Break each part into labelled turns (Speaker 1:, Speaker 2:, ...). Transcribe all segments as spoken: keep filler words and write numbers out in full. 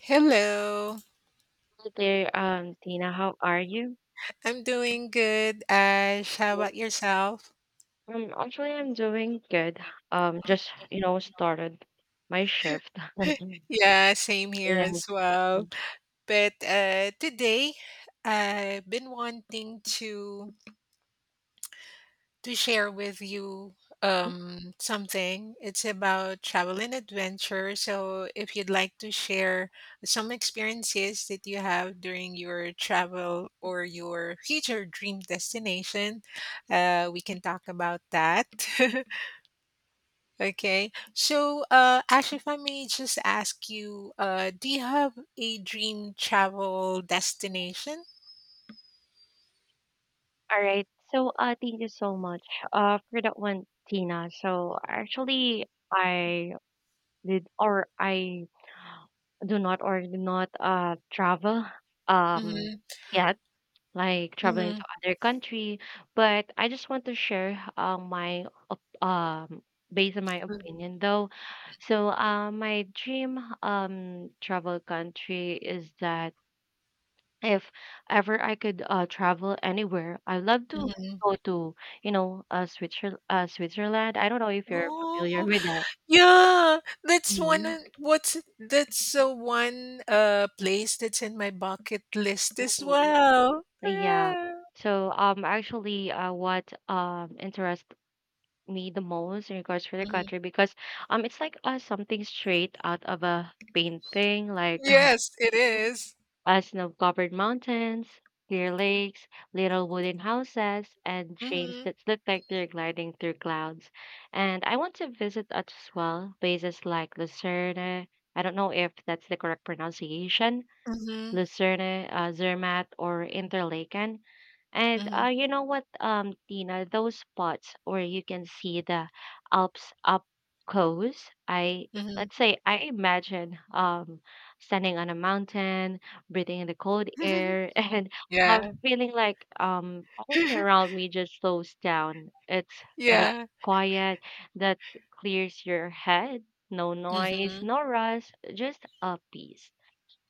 Speaker 1: Hello.
Speaker 2: Hi there, um, Tina. How are you?
Speaker 1: I'm doing good, Ash. How about
Speaker 2: Yes.
Speaker 1: yourself?
Speaker 2: Um, actually, I'm doing good. Um, just you know, started my shift.
Speaker 1: Yeah, same here
Speaker 2: Yeah.
Speaker 1: as well. But uh, today, I've been wanting to to share with you um, something. It's about travel and adventure. So, if you'd like to share some experiences that you have during your travel or your future dream destination, uh, we can talk about that. Okay. So, uh, Ash, if I may just ask you, uh, do you have a dream travel destination?
Speaker 2: All right. So, uh, thank you so much, uh, for that one, Tina. So, actually, I did or I do not or do not uh travel. Um,
Speaker 1: Mm-hmm.
Speaker 2: yeah, like traveling to
Speaker 1: Mm-hmm.
Speaker 2: other country. But I just want to share uh, my op- um based on my opinion though. So, uh, my dream um travel country is that if ever I could, uh, travel anywhere, I love to
Speaker 1: Mm-hmm.
Speaker 2: go to, you know uh, Switzerland. Uh, Switzerland. I don't know if you're familiar
Speaker 1: Oh,
Speaker 2: with that.
Speaker 1: yeah. That's one.
Speaker 2: Mhm.
Speaker 1: Of- What's that's uh, one uh place that's in my bucket list as
Speaker 2: Mhm.
Speaker 1: well.
Speaker 2: Yeah.
Speaker 1: Yeah.
Speaker 2: So, um actually uh what um interests me the most in regards for the
Speaker 1: hmm
Speaker 2: country, because um it's like, uh, something straight out of a painting, like,
Speaker 1: Yes, it
Speaker 2: mhm,
Speaker 1: is.
Speaker 2: uh, snow-covered mountains, clear lakes, little wooden houses, and trains
Speaker 1: Mm-hmm.
Speaker 2: that look like they're gliding through clouds. And I want to visit as well places like Lucerne. I don't know if that's the correct pronunciation.
Speaker 1: Mm-hmm.
Speaker 2: Lucerne, uh, Zermatt, or Interlaken. And,
Speaker 1: Mm-hmm.
Speaker 2: uh, you know what, um, Tina, those spots where you can see the Alps up close, I let's say I imagine um standing on a mountain, breathing in the cold
Speaker 1: Mm-hmm.
Speaker 2: air, and I'm
Speaker 1: Yeah.
Speaker 2: feeling like um everything around me just slows down. It's kind of
Speaker 1: Yeah.
Speaker 2: quiet, that clears your head, no noise,
Speaker 1: Mm-hmm.
Speaker 2: no rush, just a peace.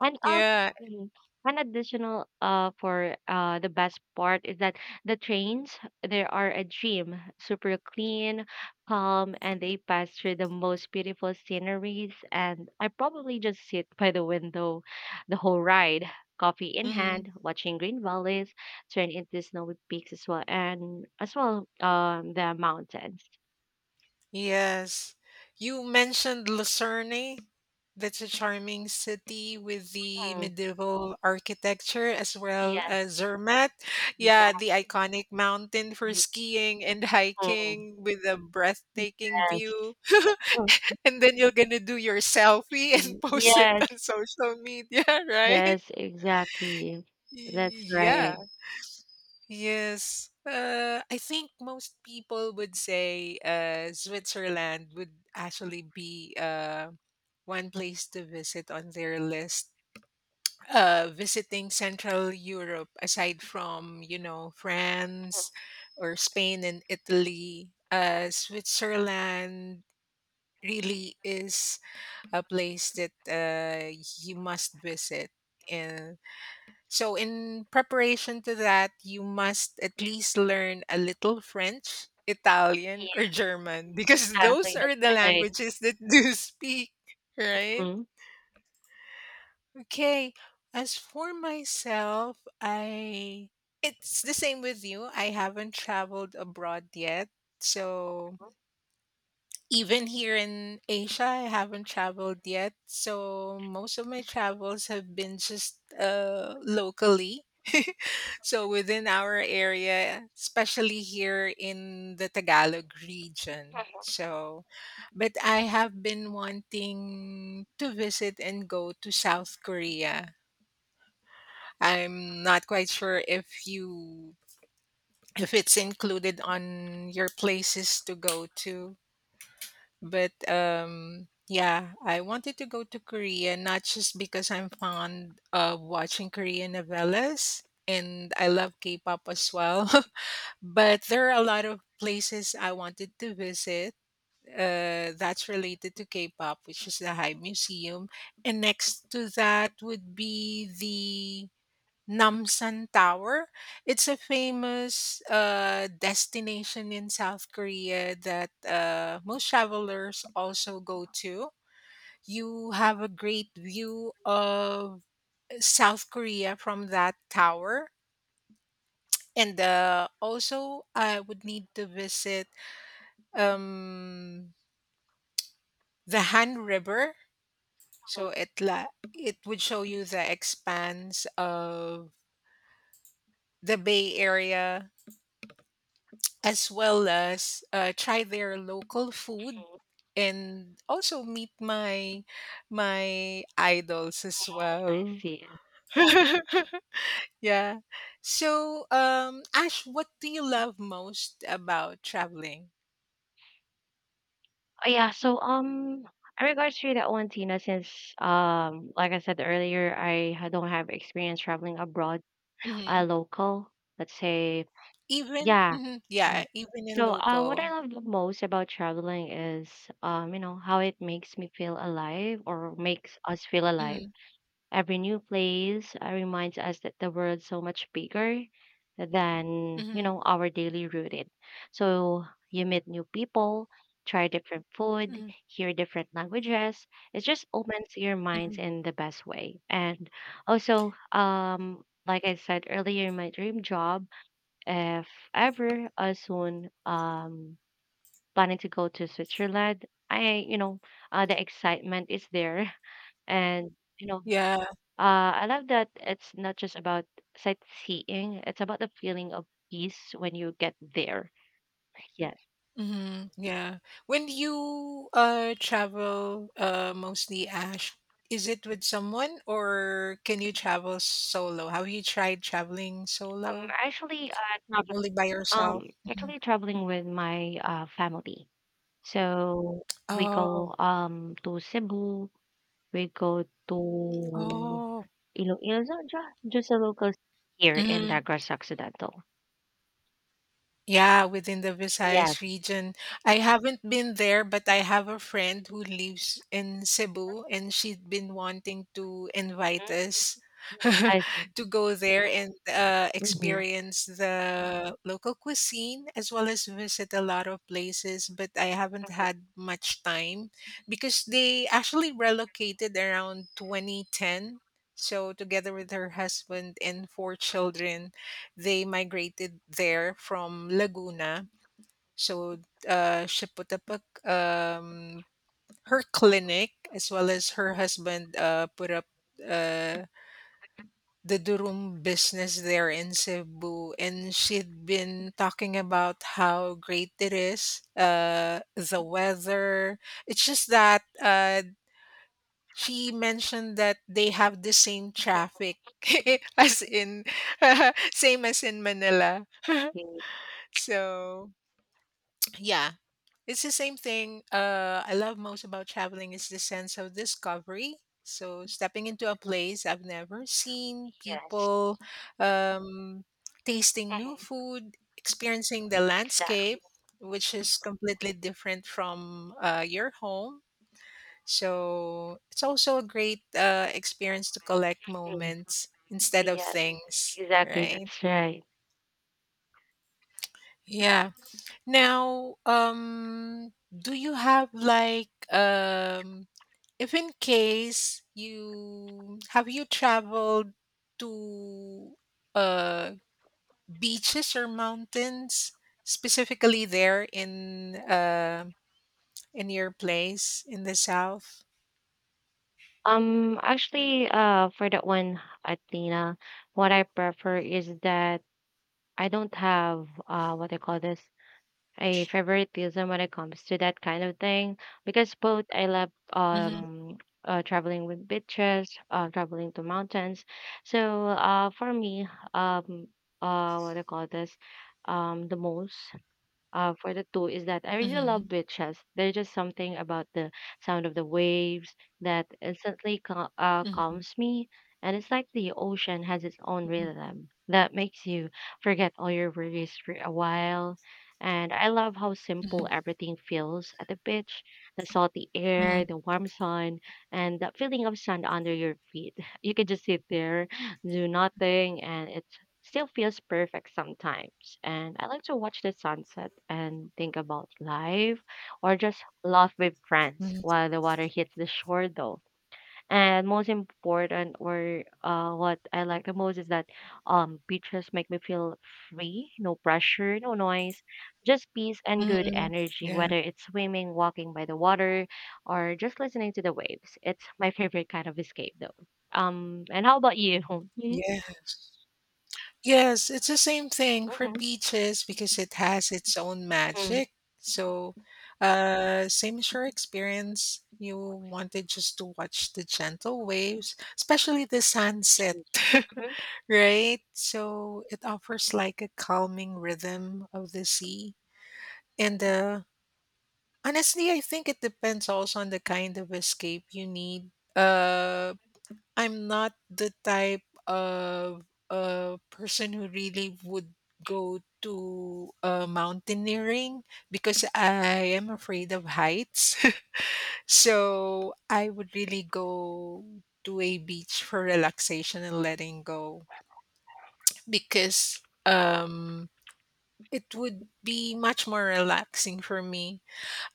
Speaker 2: And um,
Speaker 1: Yeah.
Speaker 2: mm, an additional uh for uh the best part is that the trains they are a dream, super clean, calm, and they pass through the most beautiful sceneries. And I probably just sit by the window the whole ride, coffee in hand, watching green valleys turn into snowy peaks as well, and as well um the mountains.
Speaker 1: Yes. You mentioned Lucerne. That's a charming city with the
Speaker 2: Mm,
Speaker 1: medieval architecture as well
Speaker 2: yes,
Speaker 1: as Zermatt.
Speaker 2: yes,
Speaker 1: Yeah, the iconic mountain for
Speaker 2: mhm,
Speaker 1: skiing and
Speaker 2: mhm,
Speaker 1: hiking with a breathtaking
Speaker 2: yes.
Speaker 1: view. And then you're going to do your selfie and
Speaker 2: Mm,
Speaker 1: post it
Speaker 2: yes,
Speaker 1: on social media, right?
Speaker 2: yes, exactly. That's
Speaker 1: Yeah.
Speaker 2: right.
Speaker 1: Yes. Uh, I think most people would say uh, Switzerland would actually be uh, one place to visit on their list. Uh, visiting Central Europe, aside from, you know, France or Spain and Italy, uh, Switzerland really is a place that uh, you must visit. And so, in preparation to that, you must at least learn a little French, Italian, or
Speaker 2: Yes,
Speaker 1: German because those
Speaker 2: exactly.
Speaker 1: are the
Speaker 2: That's right.
Speaker 1: languages that do speak, right?
Speaker 2: Mhm.
Speaker 1: Okay. As for myself, I it's the same with you. I haven't traveled abroad yet. So, even here in Asia, I haven't traveled yet. So most of my travels have been just uh, locally. So within our area, especially here in the Tagalog region. So, but I have been wanting to visit and go to South Korea. I'm not quite sure if you If it's included on your places to go to, but um yeah, I wanted to go to Korea not just because I'm fond of watching Korean novellas and I love K-pop as well, but there are a lot of places I wanted to visit uh that's related to K-pop, which is the Hybe Museum, and next to that would be the Namsan Tower. It's a famous uh, destination in South Korea that uh, most travelers also go to. You have a great view of South Korea from that tower. And uh, also, I would need to visit um, the Han River. So it, la- it would show you the expanse of the Bay Area as well as uh, try their local food and also meet my my idols as
Speaker 2: I
Speaker 1: well.
Speaker 2: see.
Speaker 1: Yeah. So, um, Ash, what do you love most about traveling?
Speaker 2: Oh yeah, so, um in regards to that one, Tina, since, um like I said earlier, I ha- don't have experience traveling abroad, uh
Speaker 1: hmm
Speaker 2: local, let's say,
Speaker 1: Even,
Speaker 2: yeah.
Speaker 1: mhm,
Speaker 2: Mm.
Speaker 1: yeah, even in
Speaker 2: So uh what I
Speaker 1: local.
Speaker 2: love the most about traveling is, um, you know, how it makes me feel alive, or makes us feel alive.
Speaker 1: Mm-hmm.
Speaker 2: Every new place, uh, reminds us that the world's so much bigger than, you
Speaker 1: hmm
Speaker 2: know, our daily routine. So you meet new people, try different food,
Speaker 1: hmm
Speaker 2: hear different languages. It just opens your minds in the best way. And also, um, like I said earlier, my dream job, if ever, uh, soon, um, planning to go to Switzerland. I, you know, uh, the excitement is there, and you know,
Speaker 1: Yeah.
Speaker 2: uh, I love that it's not just about sightseeing, it's about the feeling of peace when you get there. Yes.
Speaker 1: Mhm, yeah. When you, uh, travel, uh, mostly, Ash, is it with someone or can you travel solo? Have you tried traveling
Speaker 2: Um,
Speaker 1: solo?
Speaker 2: actually, uh, travel,
Speaker 1: Only by yourself?
Speaker 2: um,
Speaker 1: Mhm.
Speaker 2: actually traveling with my, uh, family. So we
Speaker 1: Oh,
Speaker 2: go um to Cebu, we go to
Speaker 1: oh.
Speaker 2: Iloilo, so ju- just a local city here in Negros Occidental.
Speaker 1: Yeah, within the
Speaker 2: Yes.
Speaker 1: Visayas region. I haven't been there, but I have a friend who lives in Cebu and she'd been wanting to invite
Speaker 2: Mhm.
Speaker 1: us
Speaker 2: Mhm. I see.
Speaker 1: to go there and uh,
Speaker 2: Mm-hmm.
Speaker 1: experience the local cuisine as well as visit a lot of places. But I haven't had much time because they actually relocated around two thousand ten. So, together with her husband and four children, they migrated there from Laguna. So uh, she put up a, um, her clinic as well as her husband uh, put up uh, the Durum business there in Cebu. And she'd been talking about how great it is, uh, the weather. It's just that uh, she mentioned that they have the same traffic. as in same as in manila
Speaker 2: Mm-hmm.
Speaker 1: so yeah, it's the same thing. Uh, I love most about traveling is the sense of discovery. So stepping into a place I've never seen,
Speaker 2: Yes.
Speaker 1: people, um, tasting new
Speaker 2: Mm-hmm.
Speaker 1: food, experiencing the landscape,
Speaker 2: Exactly.
Speaker 1: which is completely different from uh, your home. So it's also a great uh, experience to collect moments instead of
Speaker 2: Yes,
Speaker 1: things,
Speaker 2: exactly.
Speaker 1: right?
Speaker 2: That's right.
Speaker 1: Yeah. Now, um, do you have like um, if in case you have you traveled to uh beaches or mountains specifically there in uh in your place in the south?
Speaker 2: Um, actually, uh, for that one, Athena, what I prefer is that I don't have uh what I call this, a favoritism when it comes to that kind of thing, because both I love,
Speaker 1: Mm-hmm.
Speaker 2: um uh traveling with beaches, uh traveling to mountains. So uh for me, um uh what I call this um the most, uh, for the two, is that I really love
Speaker 1: Mm-hmm.
Speaker 2: beaches. There's just something about the sound of the waves that instantly cal- uh, calms me. And it's like the ocean has its own
Speaker 1: Mm-hmm.
Speaker 2: rhythm that makes you forget all your worries for a while. And I love how
Speaker 1: Mm-hmm.
Speaker 2: simple everything feels at the beach, the salty
Speaker 1: Mm-hmm.
Speaker 2: air, the warm sun, and that feeling of sand under your feet. You can just sit there, do nothing, and it's still feels perfect sometimes. And I like to watch the sunset and think about life, or just laugh with friends while the water hits the shore though. And most important, or uh what I like the most, is that um beaches make me feel free, no pressure, no noise, just peace and good
Speaker 1: Mm-hmm.
Speaker 2: energy,
Speaker 1: Yeah.
Speaker 2: whether it's swimming, walking by the water, or just listening to the waves. It's my favorite kind of escape though. Um, and how about you?
Speaker 1: Yes. Yes, it's the same thing for
Speaker 2: Mhm.
Speaker 1: beaches because it has its own
Speaker 2: Mhm.
Speaker 1: magic. So, uh, same as your experience, you wanted just to watch the gentle waves, especially the sunset,
Speaker 2: Mhm.
Speaker 1: right? So, it offers like a calming rhythm of the sea. And uh, honestly, I think it depends also on the kind of escape you need. Uh, I'm not the type of a person who really would go to uh, mountaineering because I am afraid of heights. So I would really go to a beach for relaxation and letting go because um, it would be much more relaxing for me.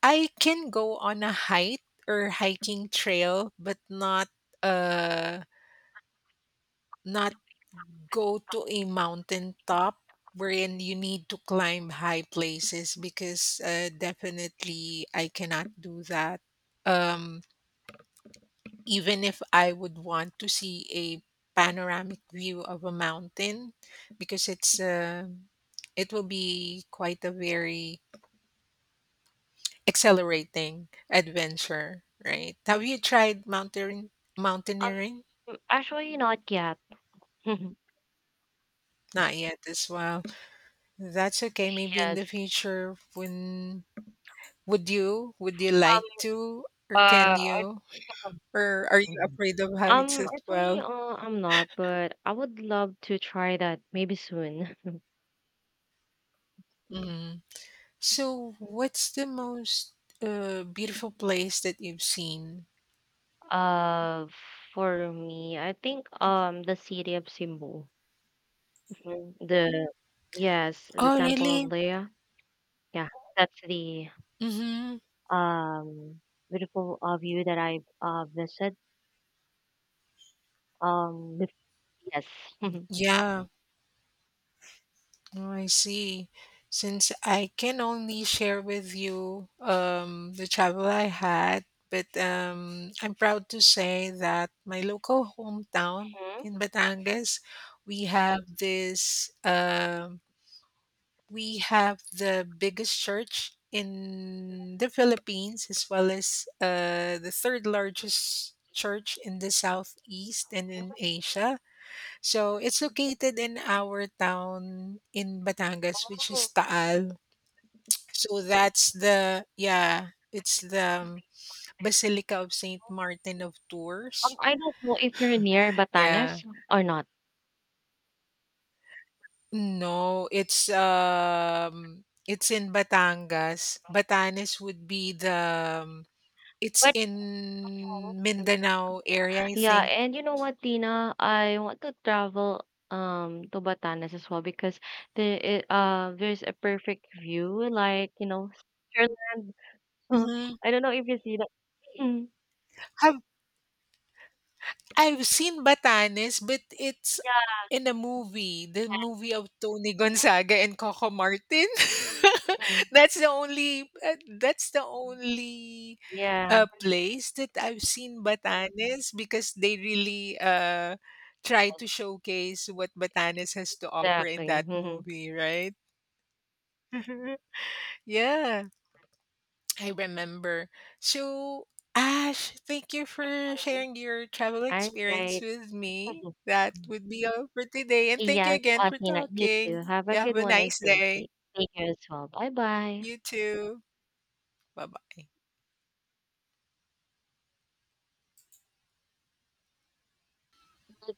Speaker 1: I can go on a hike or hiking trail, but not uh not go to a mountain top wherein you need to climb high places because uh, definitely I cannot do that. Um, Even if I would want to see a panoramic view of a mountain, because it's uh, it will be quite a very accelerating adventure, right? Have you tried mountain mountaineering?
Speaker 2: Um, actually not yet.
Speaker 1: Not yet as well. That's okay. Maybe in
Speaker 2: Yes.
Speaker 1: the future when Would you would you
Speaker 2: Um,
Speaker 1: like to or can
Speaker 2: uh, I
Speaker 1: you or are you afraid of heights
Speaker 2: um,
Speaker 1: as
Speaker 2: actually,
Speaker 1: well?
Speaker 2: uh, I'm not, but I would love to try that maybe soon.
Speaker 1: Mhm. So what's the most uh, beautiful place that you've seen?
Speaker 2: Uh, for me, I think um the city of Cebu, mhm, the yes, the
Speaker 1: Oh,
Speaker 2: Temple of
Speaker 1: really?
Speaker 2: Leia. Yeah, that's the
Speaker 1: Mm-hmm.
Speaker 2: um beautiful uh, view that I uh visited. Um, bef- yes.
Speaker 1: Yeah, oh, I see. Since I can only share with you um, the travel I had, but um, I'm proud to say that my local hometown
Speaker 2: Mhm.
Speaker 1: in Batangas, we have this um we have the biggest church in the Philippines, as well as uh, the third largest church in the southeast and in Asia. So it's located in our town in Batangas, which is Taal. So that's the yeah, it's the um, Basilica of Saint Martin of
Speaker 2: Um,
Speaker 1: Tours.
Speaker 2: I don't know if you're near
Speaker 1: Yeah.
Speaker 2: Batanes or not,
Speaker 1: No, it's um it's in Batangas. Batanes would be the um, it's
Speaker 2: but
Speaker 1: in Mindanao area, I
Speaker 2: yeah,
Speaker 1: think.
Speaker 2: and you know what, Tina? I want to travel um to Batanes as well, because the i- uh there's a perfect view, like, you know, Switzerland.
Speaker 1: Mhm.
Speaker 2: I don't know if you see that. Mm,
Speaker 1: Have I've seen Batanes, but it's
Speaker 2: yeah,
Speaker 1: in a movie, the movie of Tony Gonzaga and Coco Martin.
Speaker 2: mm,
Speaker 1: that's the only uh, that's the only
Speaker 2: yeah,
Speaker 1: uh, place that I've seen Batanes because they really uh, try to showcase what Batanes has to offer in
Speaker 2: exactly.
Speaker 1: that
Speaker 2: Mhm.
Speaker 1: movie, right? Yeah. I remember. So, Ash, thank you for sharing your travel
Speaker 2: All
Speaker 1: experience
Speaker 2: right.
Speaker 1: with me. That would be all for today. And thank you
Speaker 2: Yes,
Speaker 1: again
Speaker 2: uh,
Speaker 1: for
Speaker 2: Tina, you too.
Speaker 1: talking.
Speaker 2: Have
Speaker 1: You
Speaker 2: a
Speaker 1: have
Speaker 2: good
Speaker 1: a
Speaker 2: one and
Speaker 1: nice
Speaker 2: stay
Speaker 1: day.
Speaker 2: safe. Take care as well. Bye bye.
Speaker 1: You too. Bye bye.